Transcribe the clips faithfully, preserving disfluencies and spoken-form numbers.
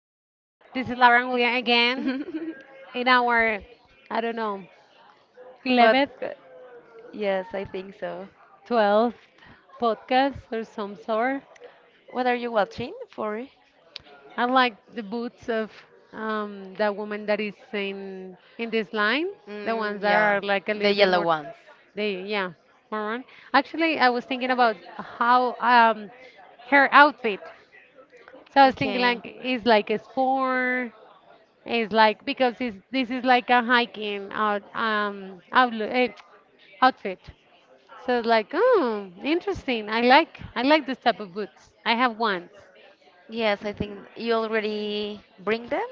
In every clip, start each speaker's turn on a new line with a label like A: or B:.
A: this is Laura and Julia again in our, I don't know,
B: But
A: eleventh,
B: uh, yes, I think so.
A: twelfth podcast or some sort.
B: What are you watching for?
A: I like the boots of um, the woman that is in in this line, the
B: Mm,
A: ones that
B: yeah,
A: are like a
B: the
A: little bit
B: yellow
A: more,
B: ones.
A: they yeah, maroon. Actually, I was thinking about how um, her outfit. So I was thinking
B: Okay.
A: like it's like a sport. It's like, because it's, this is like a hiking out um outlook, eh, outfit. So it's like, oh, interesting. I like I like this type of boots. I have ones.
B: Yes, I think you already bring them.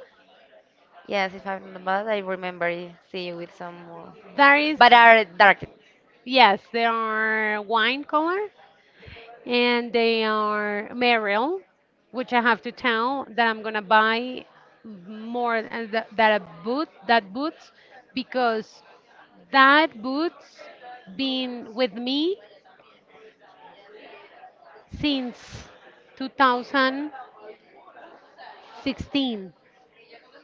B: Yes, if I'm not bad, I remember I see you with some more.
A: There is
B: But are dark.
A: Yes, they are wine color, and they are Merrell, which I have to tell that I'm gonna buy more than that, that a boot that boots, because that boots been with me since two thousand sixteen,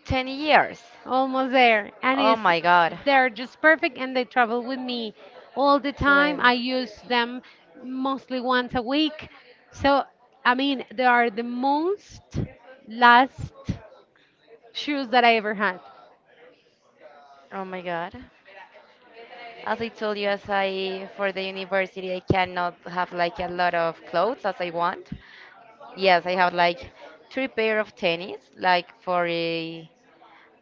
B: ten years.
A: almost there, and
B: Oh
A: it's
B: my god.
A: they're just perfect, and they travel with me all the time.
B: Twelve.
A: I use them mostly once a week. So I mean, they are the most last shoes that I ever had.
B: Oh my God. As I told you, as I for the university, I cannot have like a lot of clothes as I want. Yes, I have like three pair of tennis, like for a,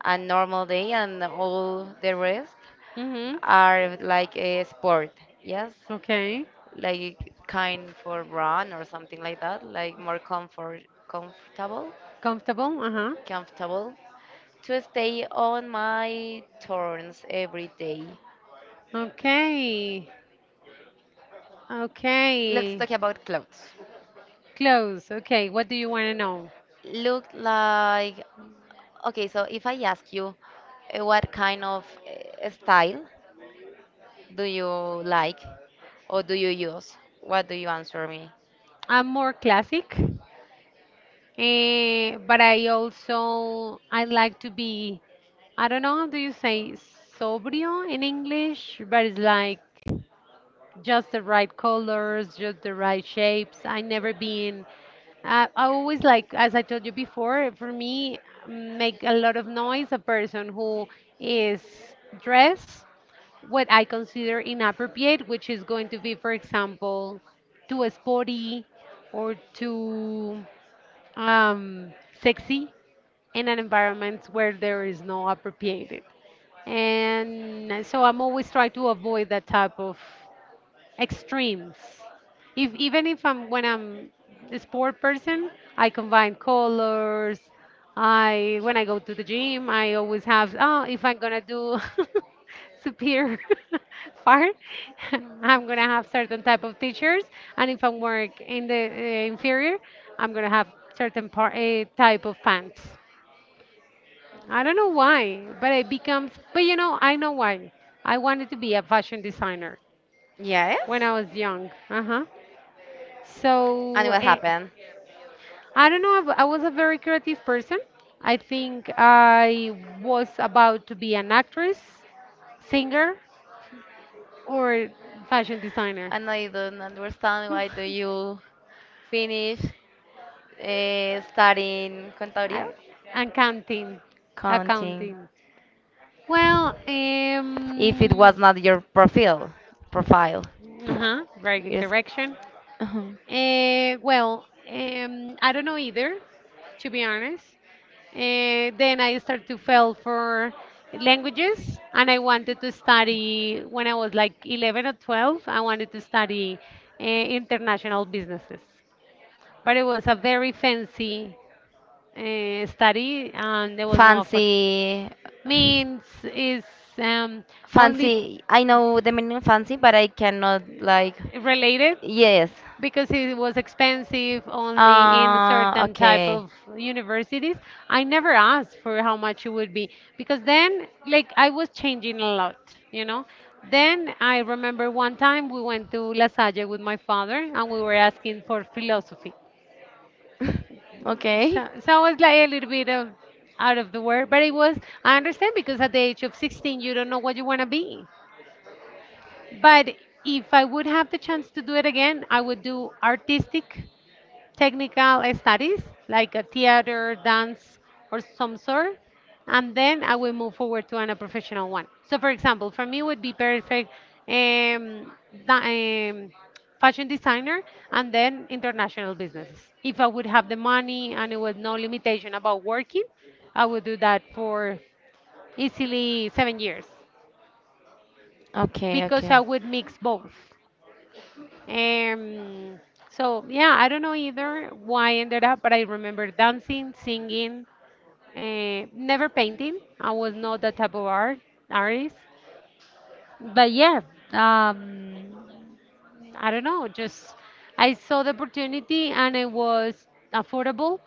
B: a normal day, and all the rest
A: Mm-hmm.
B: are like a sport. Yes,
A: Okay.
B: like kind for run or something like that, like more comfort, comfortable,
A: Comfortable. Uh-huh.
B: comfortable to stay on my turns every day.
A: Okay.
B: Let's
A: Okay.
B: talk about clothes.
A: Clothes. Okay, what do you want to know?
B: Look like okay. So if I ask you, uh, what kind of uh, style? Do you like or do you use? What do you answer me?
A: I'm more classic. Eh, but I also, I like to be, I don't know how do you say sobrio in English, but it's like just the right colors, just the right shapes. I never been I, I always like, as I told you before, for me make a lot of noise a person who is dressed what I consider inappropriate, which is going to be, for example, too sporty or too um, sexy, in an environment where there is no appropriated. And so I'm always trying to avoid that type of extremes. If even if I'm when I'm a sport person, I combine colors. I When I go to the gym, I always have, oh, if I'm gonna do superior part, I'm gonna have certain type of teachers, and if I work in the uh, inferior, I'm gonna have certain part uh, type of pants. I don't know why, but it becomes. But you know, I know why. I wanted to be a fashion designer
B: Yes?
A: when I was young. Uh huh.
B: And
A: So
B: what
A: eh,
B: happened?
A: I don't know. I was a very creative person. I think I was about to be an actress, singer, or fashion designer,
B: And I don't understand why do you finish uh, studying contaria?
A: I, and counting,
B: Counting.
A: accounting. Well,
B: If it
A: um,
B: was not your profile, profile.
A: uh-huh, very good
B: It's.
A: correction.
B: Mhm.
A: Uh, well, um, I don't know either, to be honest. Uh, then I started to fail for languages, and I wanted to study when I was like eleven or twelve. I wanted to study uh, international businesses, but it was a very fancy uh, study, and there was no offer.
B: Fancy,
A: Means is um, only
B: fancy. I know the meaning fancy, but I cannot like.
A: related,
B: Yes.
A: because it was expensive, only in
B: Uh,
A: certain type
B: okay.
A: of universities. I never asked for how much it would be, because then, like, I was changing a lot you know then I remember one time we went to La Salle with my father, and we were asking for philosophy.
B: Okay.
A: So, so I was like a little bit of out of the word, but it was I understand, because at the age of sixteen you don't know what you want to be. But if I would have the chance to do it again, I would do artistic technical studies, like a theater, dance, or some sort, and then I will move forward to an, a professional one. So, for example, for me would be perfect, um, da- um, fashion designer and then international businesses. If I would have the money and it was no limitation about working, I would do that for easily seven years,
B: Okay,
A: because
B: okay.
A: I would mix both. Um, so yeah, I don't know either why I ended up, but I remember dancing, singing, uh, never painting. I was not that type of art artist. But yeah, um, I don't know. Just, I saw the opportunity and it was affordable.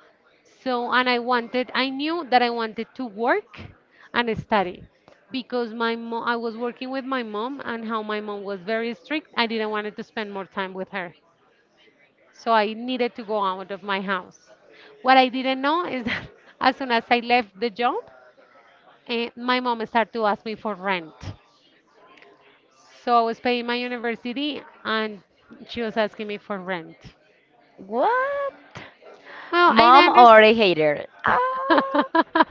A: So, and I wanted, I knew that I wanted to work and study, because my mom, I was working with my mom, and how my mom was very strict. I didn't wanted to spend more time with her. So I needed to go out of my house. What I didn't know is that as soon as I left the job, eh, my mom started to ask me for rent. So I was paying my university, and she was asking me for rent.
B: What?
A: Well, I
B: Mom or a
A: understand.
B: hater? Ah,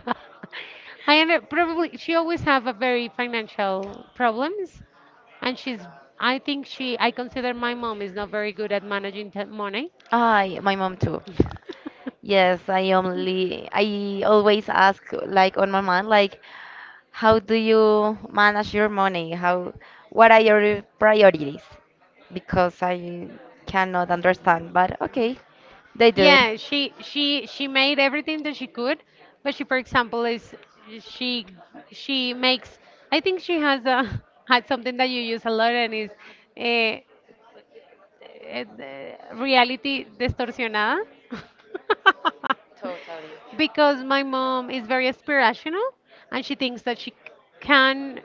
A: I under Probably she always have a very financial problems, and she's I think she I consider my mom is not very good at managing t money.
B: I, my mom too. Yes, I only, I always ask like on my mind, like, how do you manage your money? How, what are your priorities? Because I cannot understand, but okay, they do it.
A: Yeah, she she she made everything that she could, but she, for example, is, she she makes. I think she has a, had something that you use a lot and is, eh, eh, reality distorsionada.
B: Totally.
A: Because my mom is very aspirational, and she thinks that she can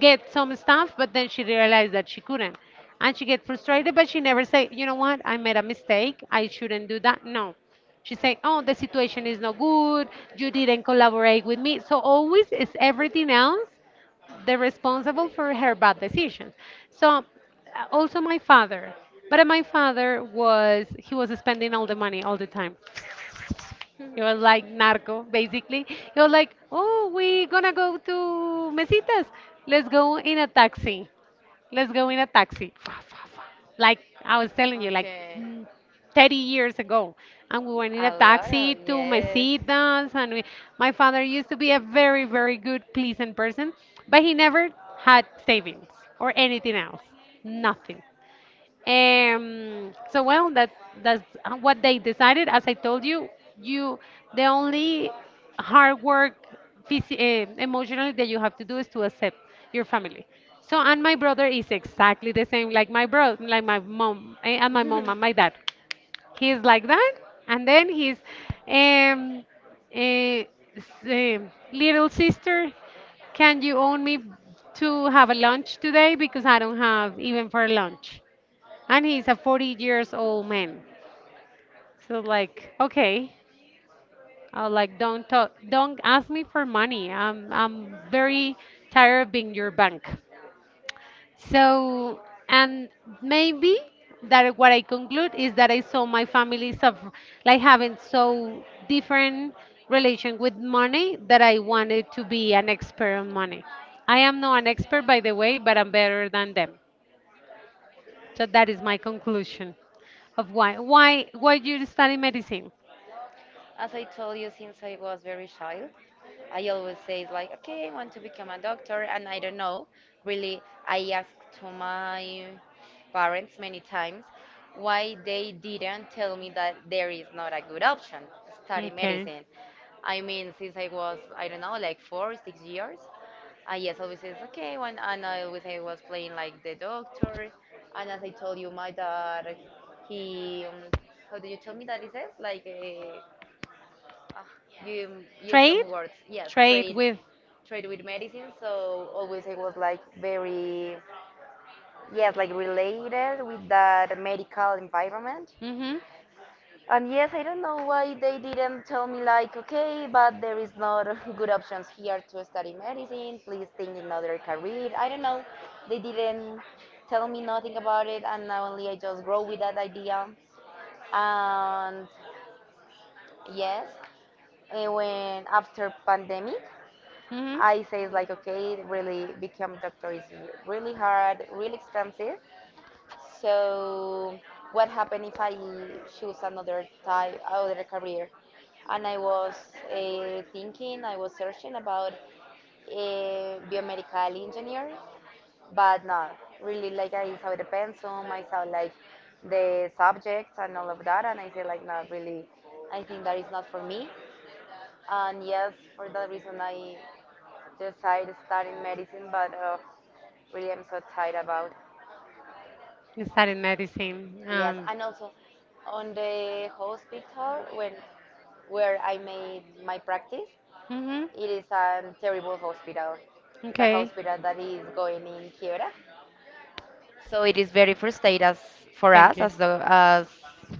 A: get some stuff, but then she realized that she couldn't, and she get frustrated, but she never say, you know what, I made a mistake, I shouldn't do that. No, she say, oh, the situation is not good, you didn't collaborate with me. So always is everything else the responsible for her bad decisions. So, uh, also my father. But uh, my father was, he was spending all the money all the time. It was like narco, basically. He was like, oh, we gonna go to Mesitas. Let's go in a taxi. Let's go in a taxi. Like I was telling you, like,
B: Okay.
A: mm, thirty years ago. And we went in
B: A
A: a
B: lot
A: taxi
B: of,
A: to
B: yes.
A: Mesitas. And we, my father used to be a very, very good, pleasant person, but he never had savings or anything else. Nothing. Um, so well, that that's uh, what they decided. As I told you, you the only hard work, phys- uh, emotionally, that you have to do is to accept your family. So and my brother is exactly the same, like my bro, like my mom, eh, and my mom and my dad. He's like that, and then his um, eh, s- um, little sister, can you own me to have a lunch today because I don't have even for lunch, and he's a forty years old man. So like, okay, uh, like, don't talk, don't ask me for money. I'm I'm very tired of being your bank. So and maybe that what I conclude is that I saw my family suffer, like, having so different relation with money, that I wanted to be an expert on money. I am not an expert, by the way, but I'm better than them. So that is my conclusion of why why why you study medicine.
B: As I told you, since I was very child, I always say it's like, okay, I want to become a doctor, and I don't know. Really, I asked to my parents many times why they didn't tell me that there is not a good option, study medicine. I mean, since I was, I don't know, like four, six years, I yes, always says, okay, when, and I always I was playing like the doctor, and as I told you, my dad, he, um, how do you tell me that he says? Like, uh, uh, you use some
A: Trade?
B: words. Yes,
A: Trade
B: trade,
A: with.
B: trade with medicine. So always I was like very, yes, like related with that medical environment.
A: Mm-hmm.
B: And yes, I don't know why they didn't tell me like, okay, but there is not good options here to study medicine. Please think in other career. I don't know. They didn't tell me nothing about it, and now only I just grow with that idea. And yes, eh, when after pandemic,
A: Mm-hmm.
B: I say it's like okay, really become doctor is really hard, really expensive. So what happened if I choose another type, other career? And I was uh, thinking, I was searching about a biomedical engineer, but no, really like I saw the pensum, I saw like the subjects and all of that, and I said like not really, I think that is not for me. And yes, for that reason I just I studying medicine, but uh, really I'm so tired about.
A: I studied medicine
B: Yes,
A: and.
B: and also on the hospital when where I made my practice,
A: Hmm.
B: it is a terrible hospital. It's a
A: Okay.
B: hospital that is going in quiebra. So it is very frustrating as for
A: Thank
B: us
A: you.
B: as the, as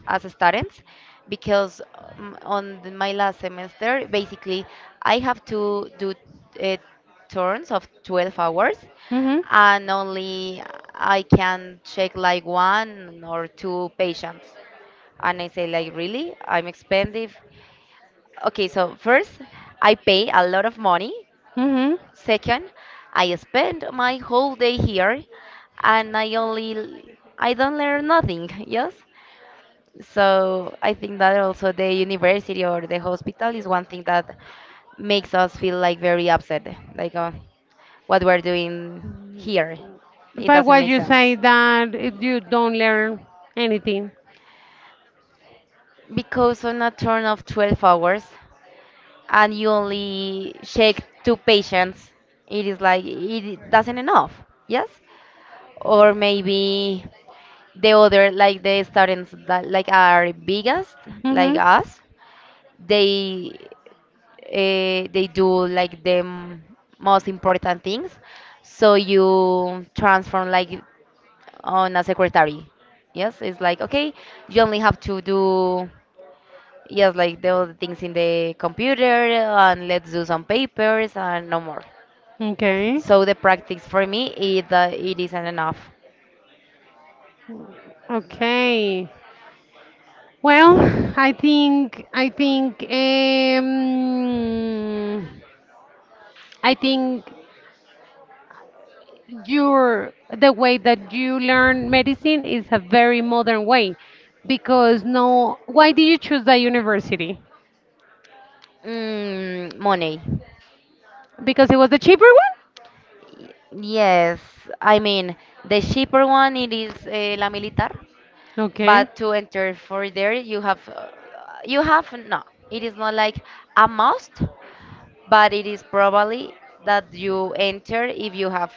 B: as students because um, on the, my last semester basically I have to do uh, turns of twelve hours
A: Mhm.
B: and only I can check like one or two patients and I say like really I'm expensive. Okay, so first I pay a lot of money.
A: Mhm.
B: Second, I spend my whole day here and I only I don't learn nothing, yes? So I think that also the university or the hospital is one thing that makes us feel like very upset, like uh, what we're doing here. It
A: But
B: doesn't
A: what
B: make
A: you say
B: sense.
A: that it- you don't learn anything.
B: Because on a turn of twelve hours and you only shake two patients, it is like it doesn't enough, yes? Or maybe the other like the students that like are biggest like
A: Mhm.
B: us they uh, they do like the m- most important things, so you transform like on a secretary. Yes, it's like okay, you only have to do yes like the other things in the computer and let's do some papers and no more.
A: Okay.
B: So the practice for me is that it isn't enough.
A: Okay. Well, I think I think um, I think your the way that you learn medicine is a very modern way, because no why did you choose that university?
B: Mm, money.
A: Because it was the cheaper one?
B: Yes, I mean the cheaper one it is uh, La Militar,
A: Okay.
B: but to enter for there you have uh, you have no, it is not like a must, but it is probably that you enter if you have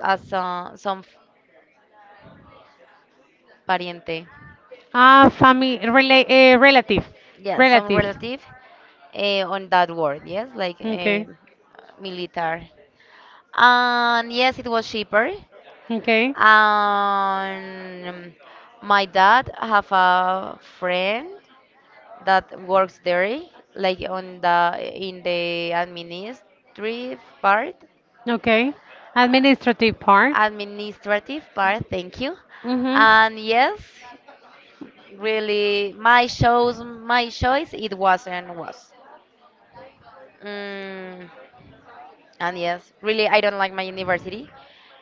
B: uh, some some pariente,
A: Ah, family rela uh, relative.
B: yeah, some
A: Relative.
B: relative uh, on that word, yes, like uh,
A: Okay.
B: Militar. And yes, it was cheaper.
A: Okay.
B: And my dad have a friend that works there, like on the in the administrative part,
A: Okay. Administrative part.
B: administrative part. Thank you.
A: Mhm.
B: And yes, really, my shows, my choice, it wasn't was. Mm, and yes, really, I don't like my university.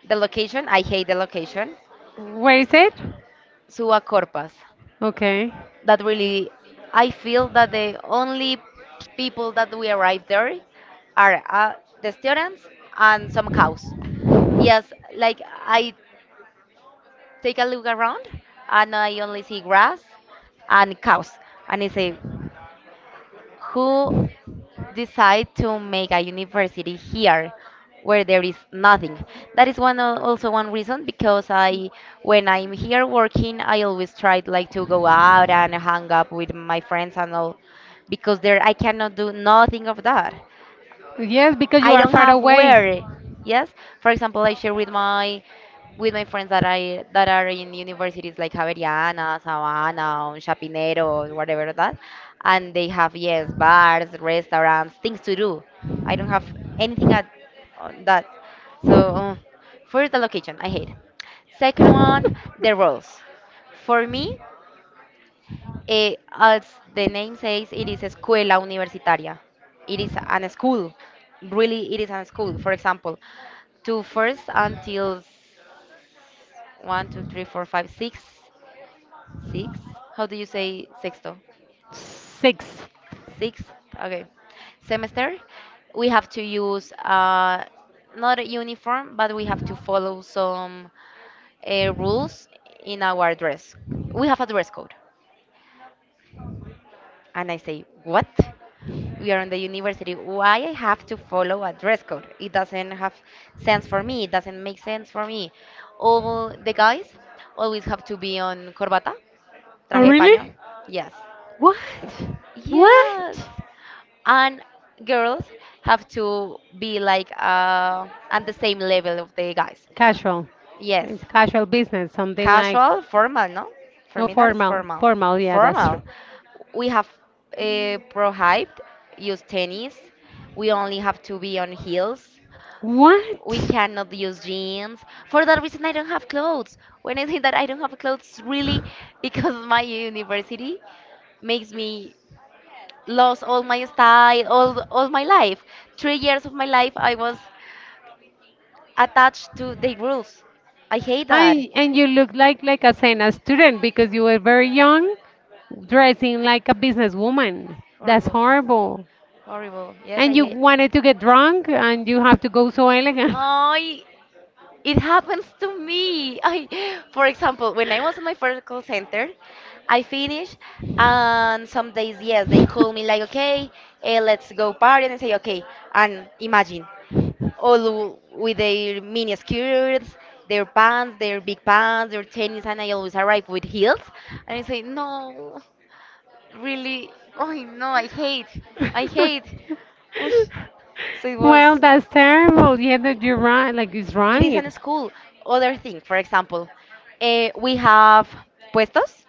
B: The location, I hate the location.
A: Where is it?
B: Suba Corpas.
A: Okay.
B: That really I feel that the only people that we arrive there are uh, the students and some cows. Yes, like I take a look around and I only see grass and cows, and I say, who decide to make a university here where there is nothing. That is one al- also one reason because I when I'm here working I always try like to go out and hang up with my friends and all because there I cannot do nothing of that.
A: Yes, because you
B: I
A: are
B: don't
A: far
B: have
A: away.
B: where. Yes. For example, I share with my with my friends that I that are in universities like Javeriana, Sabana, or Chapinero, or whatever that, and they have yes bars, restaurants, things to do. I don't have anything at on that. So um, first the location, I hate. Second one, the rules. For me, eh, as the name says, it is escuela universitaria. It is an school. Really, it is an school. For example, to first until one, two, three, four, five, six, six. How do you say sexto?
A: Six.
B: Sixth. Okay. Semester. We have to use uh, not a uniform, but we have to follow some uh, rules in our dress. We have a dress code. And I say, what? We are in the university. Why I have to follow a dress code? It doesn't have sense for me. It doesn't make sense for me. All the guys always have to be on corbata,
A: Oh,
B: traje de paño.
A: really?
B: Yes.
A: What? What?
B: Yes. And girls have to be like uh, on the same level of the guys.
A: Casual.
B: Yes.
A: Mm, Casual business, something like,
B: Casual, formal, no? For
A: no,
B: me, that is
A: formal.
B: formal.
A: Formal, yeah, that's true.
B: Formal. We have uh, prohibited use tennis. We only have to be on heels.
A: What?
B: We cannot use jeans. For that reason, I don't have clothes. When I think that I don't have clothes, really, because my university makes me lose all my style, all all my life. Three years of my life, I was attached to the rules. I hate that.
A: I and You look like like a Sena student, because you were very young, dressing like a businesswoman. That's
B: Horrible,
A: horrible.
B: horrible. Yes, I
A: And you
B: hate.
A: wanted to get drunk and you have to go so elegant.
B: I it happens to me. I, for example, when I was in my first call center, I finish, and some days yes, they call me like, okay, eh, let's go party, and I say okay, and imagine all w- with their mini skirts, their pants, their big pants, their tennis, and I always arrive with heels, and I say no, really, oh no, I hate, I hate. Oosh. So it was.
A: Well, that's terrible. Yeah, that you're right. Like, it's
B: It is
A: right.
B: a school. Other thing, for example, eh, we have puestos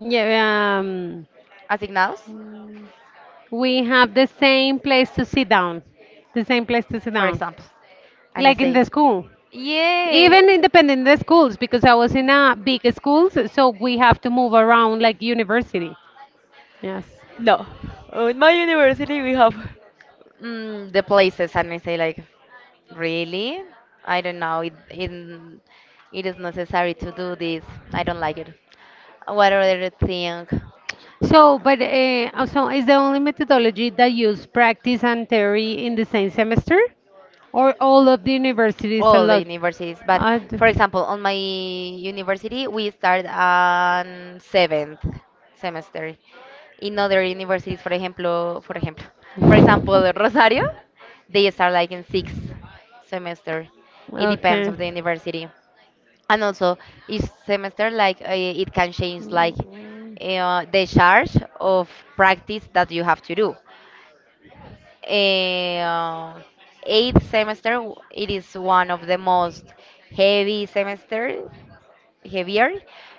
A: Yeah, um,
B: asignados,
A: we have the same place to sit down. The same place to sit
B: for
A: down.
B: example, and I
A: Like in
B: say,
A: the school.
B: yeah,
A: Even independent the schools, because I was in a big schools, so we have to move around like university. Yes.
B: we have mm, the places, and I say like, really? I don't know. It, it it is necessary to do this. I don't like it. What other thing?
A: So, but uh, also, is the only methodology that use practice and theory in the same semester, or all of the universities
B: All the
A: allowed?
B: universities. But
A: Uh, d-
B: for example, on my university, we start on seventh semester. In other universities, for example, for example, for example, Rosario, they start like in sixth semester. It depends
A: okay.
B: of the university. And also, each semester, like uh, it can change like uh, the charge of practice that you have to do. Uh, eighth semester, w- it is one of the most heavy semester, heavier,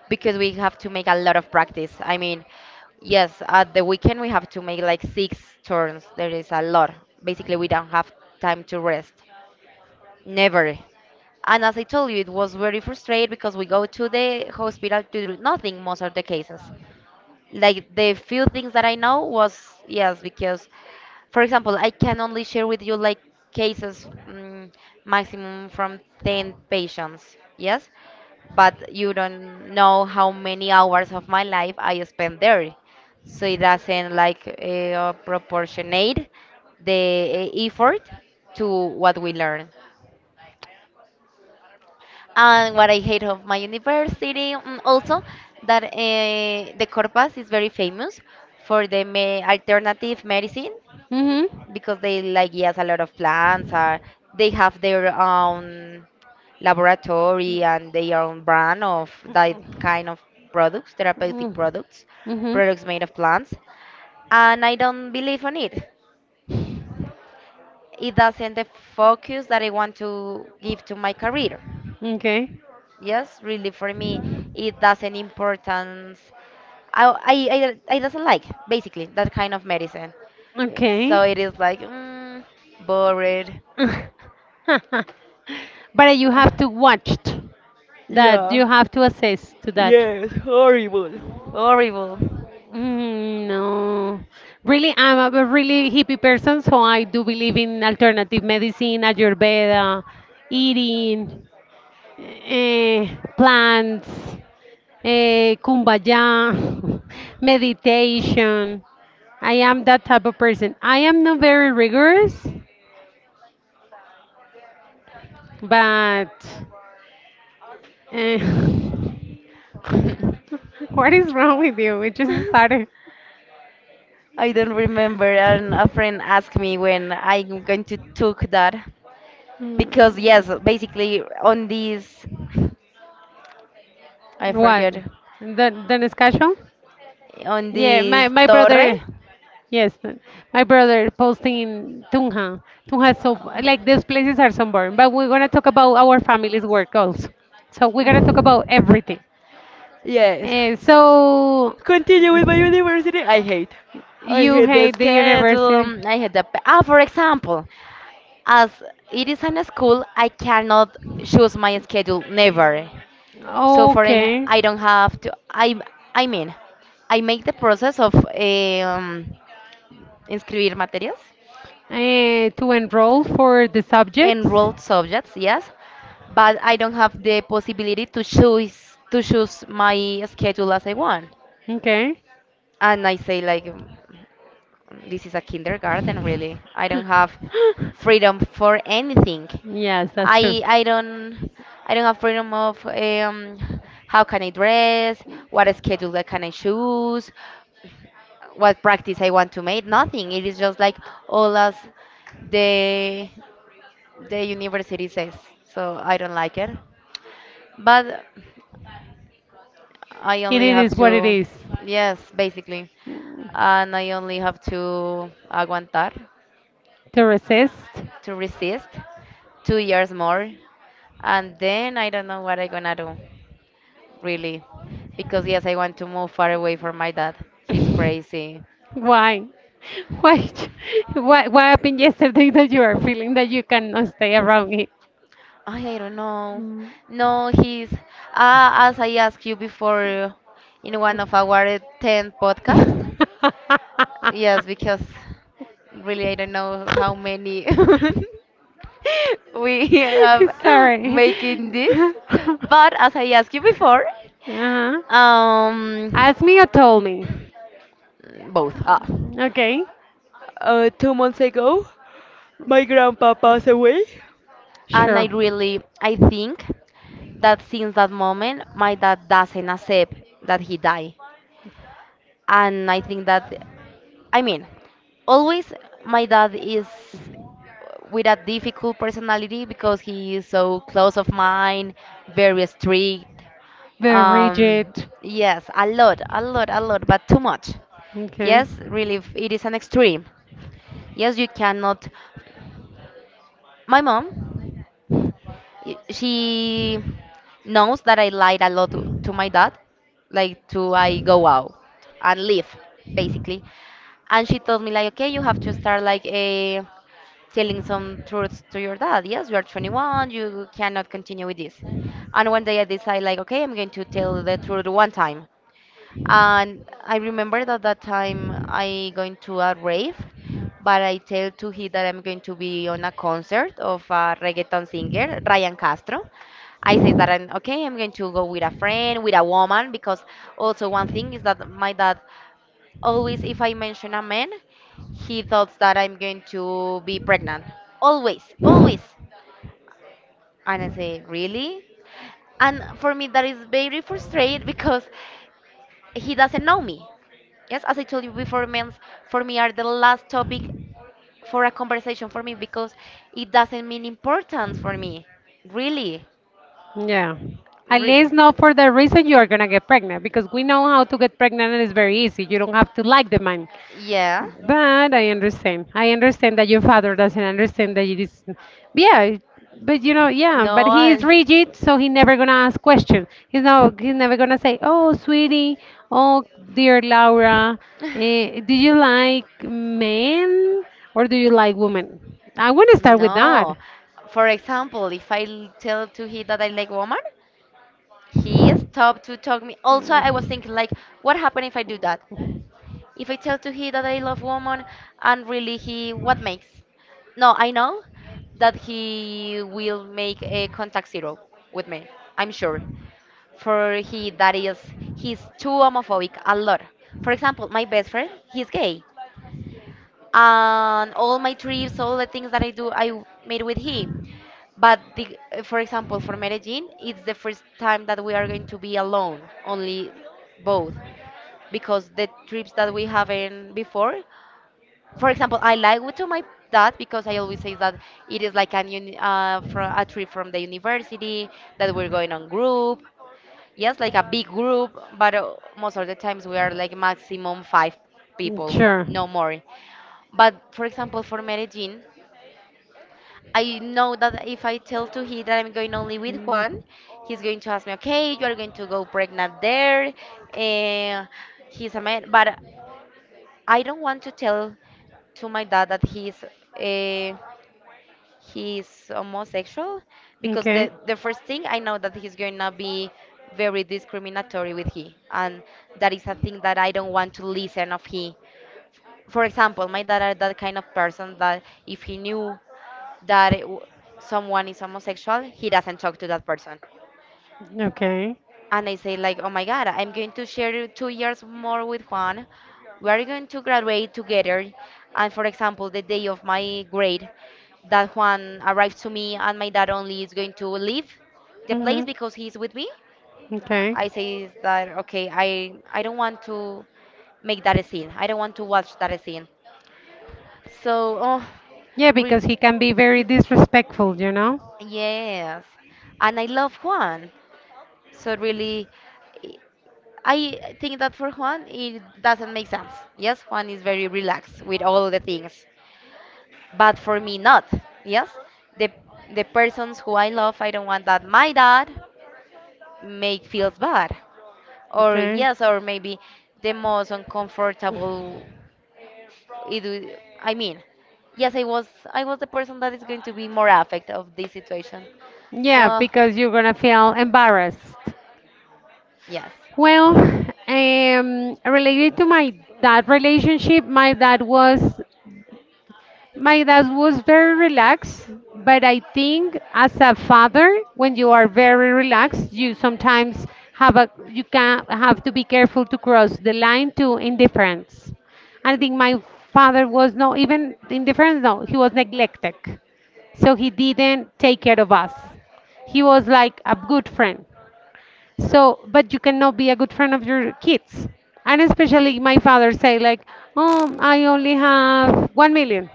B: because we have to make a lot of practice. I mean, yes, at the weekend we have to make like six turns. There is a lot. Basically, we don't have time to rest. Never. And as I told you, it was very frustrating because we go to the hospital to do nothing most of the cases like the few things that I know was yes because for example I can only share with you like cases mm, maximum from ten patients, yes, but you don't know how many hours of my life I spend there, so it doesn't like uh, proportionate the uh, effort to what we learn and what I hate of my university. Mm, also, that uh, the Corpas is very famous for the me- alternative medicine
A: Mm-hmm.
B: because they like yes a lot of plants are they have their own laboratory and their own brand of that kind of products, therapeutic products,
A: Mm-hmm.
B: products made of plants. And I don't believe on it. It doesn't the focus that I want to give to my career.
A: Okay.
B: Yes, really, for me, it doesn't importance. I, I, I, I doesn't like, basically, that kind of medicine.
A: Okay.
B: So it is like, mm, bored.
A: But you have to watch that.
B: Yeah,
A: You have to assess to that.
B: yes, horrible. Horrible.
A: Mm, No, really, I'm a really hippie person, so I do believe in alternative medicine, Ayurveda, eating, eh, plants, eh, kumbaya, meditation. I am that type of person. I am not very rigorous, but eh, what is wrong with you? We just started.
B: I don't remember. And a friend asked me when I'm going to took that because
A: Mm,
B: yes, basically on this, I
A: What?
B: forget,
A: The, the discussion?
B: on
A: Yeah,
B: this
A: my, my
B: torre.
A: brother, yes, my brother posting in Tunja. Tunja is so, like, these places are sunburned, but we're going to talk about our family's work also. So we're going to talk
B: uh,
A: about everything.
B: Yes.
A: Uh, so,
B: Continue with my university. I hate. I
A: you
B: hate the
A: hate the
B: schedule.
A: university?
B: um, I hate the. pa- Ah, for example, as it is in a school, I cannot choose my schedule. Never. So for en-
A: Okay.
B: I don't have to. I I mean, I make the process of um, inscribir materias,
A: Uh, to enroll for the subjects?
B: enrolled subjects. Yes, but I don't have the possibility to choose to choose my schedule as I want.
A: Okay.
B: And I say like. This is a kindergarten, really. I don't have freedom for anything.
A: Yes, that's true.
B: I I don't I don't have freedom of um, how can I dress, what schedule I can I choose, what practice I want to make. Nothing. It is just like all as the the university says. So I don't like it. But I
A: It
B: only
A: it
B: have
A: is what it
B: to,
A: is.
B: yes, basically, and I only have to aguantar.
A: To resist.
B: To resist two years more, and then I don't know what I'm gonna do, really, because yes, I want to move far away from my dad. He's crazy.
A: Why? Why? ch- What, what happened yesterday that you are feeling that you cannot stay around it?
B: I, I don't know. No, he's uh, as I asked you before, in one of our ten podcast. Yes, because really, I don't know how many we have
A: Sorry.
B: making this.
A: Uh-huh.
B: But as I asked you before, um
A: Ask me or told me.
B: mm, both. Ah.
A: Okay.
B: Uh, two months ago, my grandpa passed away. And I
A: Sure.
B: really, I think that since that moment, my dad doesn't accept that he died. And I think that, I mean, always my dad is with a difficult personality, because he is so close of mine, very strict.
A: Very rigid.
B: Um, yes, a lot, a lot, a lot, but too much.
A: Okay.
B: Yes, really, f- it is an extreme. Yes, you cannot. My mom, y- she knows that I lied a lot to, to my dad, like to I go out and leave, basically. And she told me like, okay, you have to start like a telling some truths to your dad. Yes, you are twenty-one, you cannot continue with this. And one day I decide like, okay, I'm going to tell the truth one time. And I remember that that time I going to a rave, but I tell to he that I'm going to be on a concert of a reggaeton singer, Ryan Castro. I say that I'm okay, I'm going to go with a friend, with a woman, because also one thing is that my dad always, if I mention a man, he thought that I'm going to be pregnant. Always, always. And I say, really? And for me, that is very frustrating because he doesn't know me. Yes, as I told you before, memes for me are the last topic for a conversation for me because it doesn't mean importance for me. Really.
A: Yeah. At
B: Re-
A: least not for the reason you are gonna get pregnant, because we know how to get pregnant, and it's very easy. You don't have to like the man.
B: yeah.
A: But I understand. I understand that your father doesn't understand that it is. Yeah, but you know, yeah. But
B: No,
A: he is
B: I-
A: rigid, so he never gonna ask questions. He's not. He's never gonna say, "Oh, sweetie. Oh, dear Laura. Eh, do you like men or do you like women?" I wanna start with that.
B: No. For example, if I l- tell to he that I like woman, he stopped to talk me. Also, I was thinking like, what happened if I do that? If I tell to he that I love woman and really he what makes? No, I know that he will make a contact zero with me. I'm sure. For he that is he's too homophobic a lot. For example, my best friend, he's gay. And all my trips, all the things that I do, I w- made with he. But the, for example, for Medellin, it's the first time that we are going to be alone, only both, because the trips that we haven't before, for example, I like to my that because I always say that it is like an uni- uh, from a trip from the university that we're going on group. Yes, like a big group, but uh, most of the times we are like maximum five people,
A: Sure.
B: no more. But for example, for Medellin, I know that if I tell to he that I'm going only with Juan, he's going to ask me, okay, you are going to go pregnant there. Uh, he's a man, but I don't want to tell to my dad that he's uh, he's homosexual, because
A: Okay.
B: the the first thing I know that he's going to be very discriminatory with he, and that is a thing that I don't want to listen of he. For example, my dad are that kind of person that if he knew that it w- someone is homosexual, he doesn't talk to that person.
A: Okay. Uh,
B: And I say like, oh my God, I'm going to share two years more with Juan. We are going to graduate together. And for example, the day of my grade, that Juan arrives to me and my dad only is going to leave the
A: hmm.
B: place because he's with me.
A: Okay.
B: I say that okay, I I don't want to make that a scene. I don't want to watch that a scene. So oh,
A: Yeah,
B: re-
A: because he can be very disrespectful, you know?
B: yes, and I love Juan. So really, i- I think that for Juan, it doesn't make sense. Yes, Juan is very relaxed with all the things, but for me, not. Yes, the the persons who I love, I don't want that my dad make feels bad, or
A: Okay.
B: yes, or maybe the most uncomfortable. It, w- I mean, yes, I was I was the person that is going to be more affected of this situation.
A: Yeah,
B: So
A: because you're gonna feel embarrassed.
B: yes,
A: Well, um, related to my dad relationship, my dad was my dad was very relaxed, but I think, as a father, when you are very relaxed, you sometimes have a you can have to be careful to cross the line to indifference. I think my father was no even indifference, no, he was neglected. So he didn't take care of us. He was like a good friend. So, but you cannot be a good friend of your kids. And especially my father say like, oh, I only have one million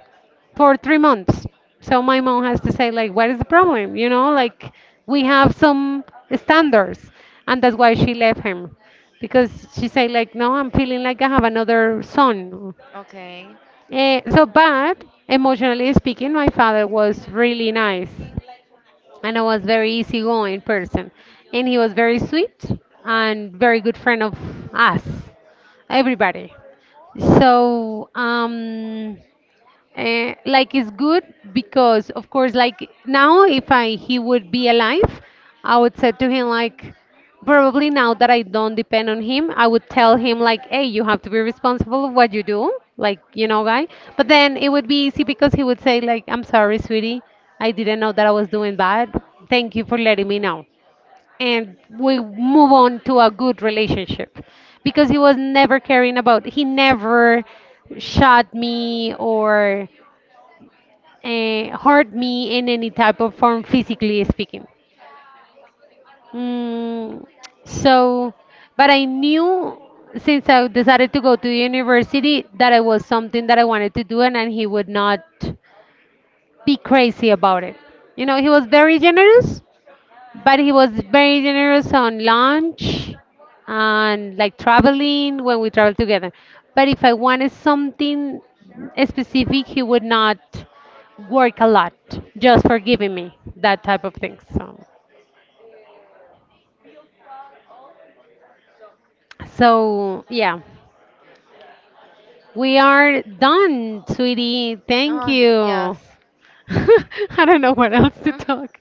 A: for three months. So my mom has to say like, what is the problem? You know, like, we have some standards, and that's why she left him, because she say like, no, I'm feeling like I have another son.
B: okay.
A: Eh, so, but emotionally speaking, my father was really nice, and I was very easygoing person. And he was very sweet, and very good friend of us, everybody. So um, uh, like, it's good, because of course, like, now, if I he would be alive, I would say to him, like, probably now that I don't depend on him, I would tell him, like, hey, you have to be responsible of what you do, like, you know, guy. But then it would be easy, because he would say, like, I'm sorry, sweetie, I didn't know that I was doing bad, thank you for letting me know, and we move on to a good relationship, because he was never caring about, he never shot me or uh, hurt me in any type of form, physically speaking. Mm, so, but I knew since I decided to go to university that it was something that I wanted to do, and, and he would not be crazy about it. You know, he was very generous, but he was very generous on lunch and like traveling when we traveled together. But if I wanted something specific, he would not work a lot just for giving me that type of thing. So, so yeah, we are done, sweetie. Thank
B: Oh
A: you.
B: yes.
A: I don't know what else to talk.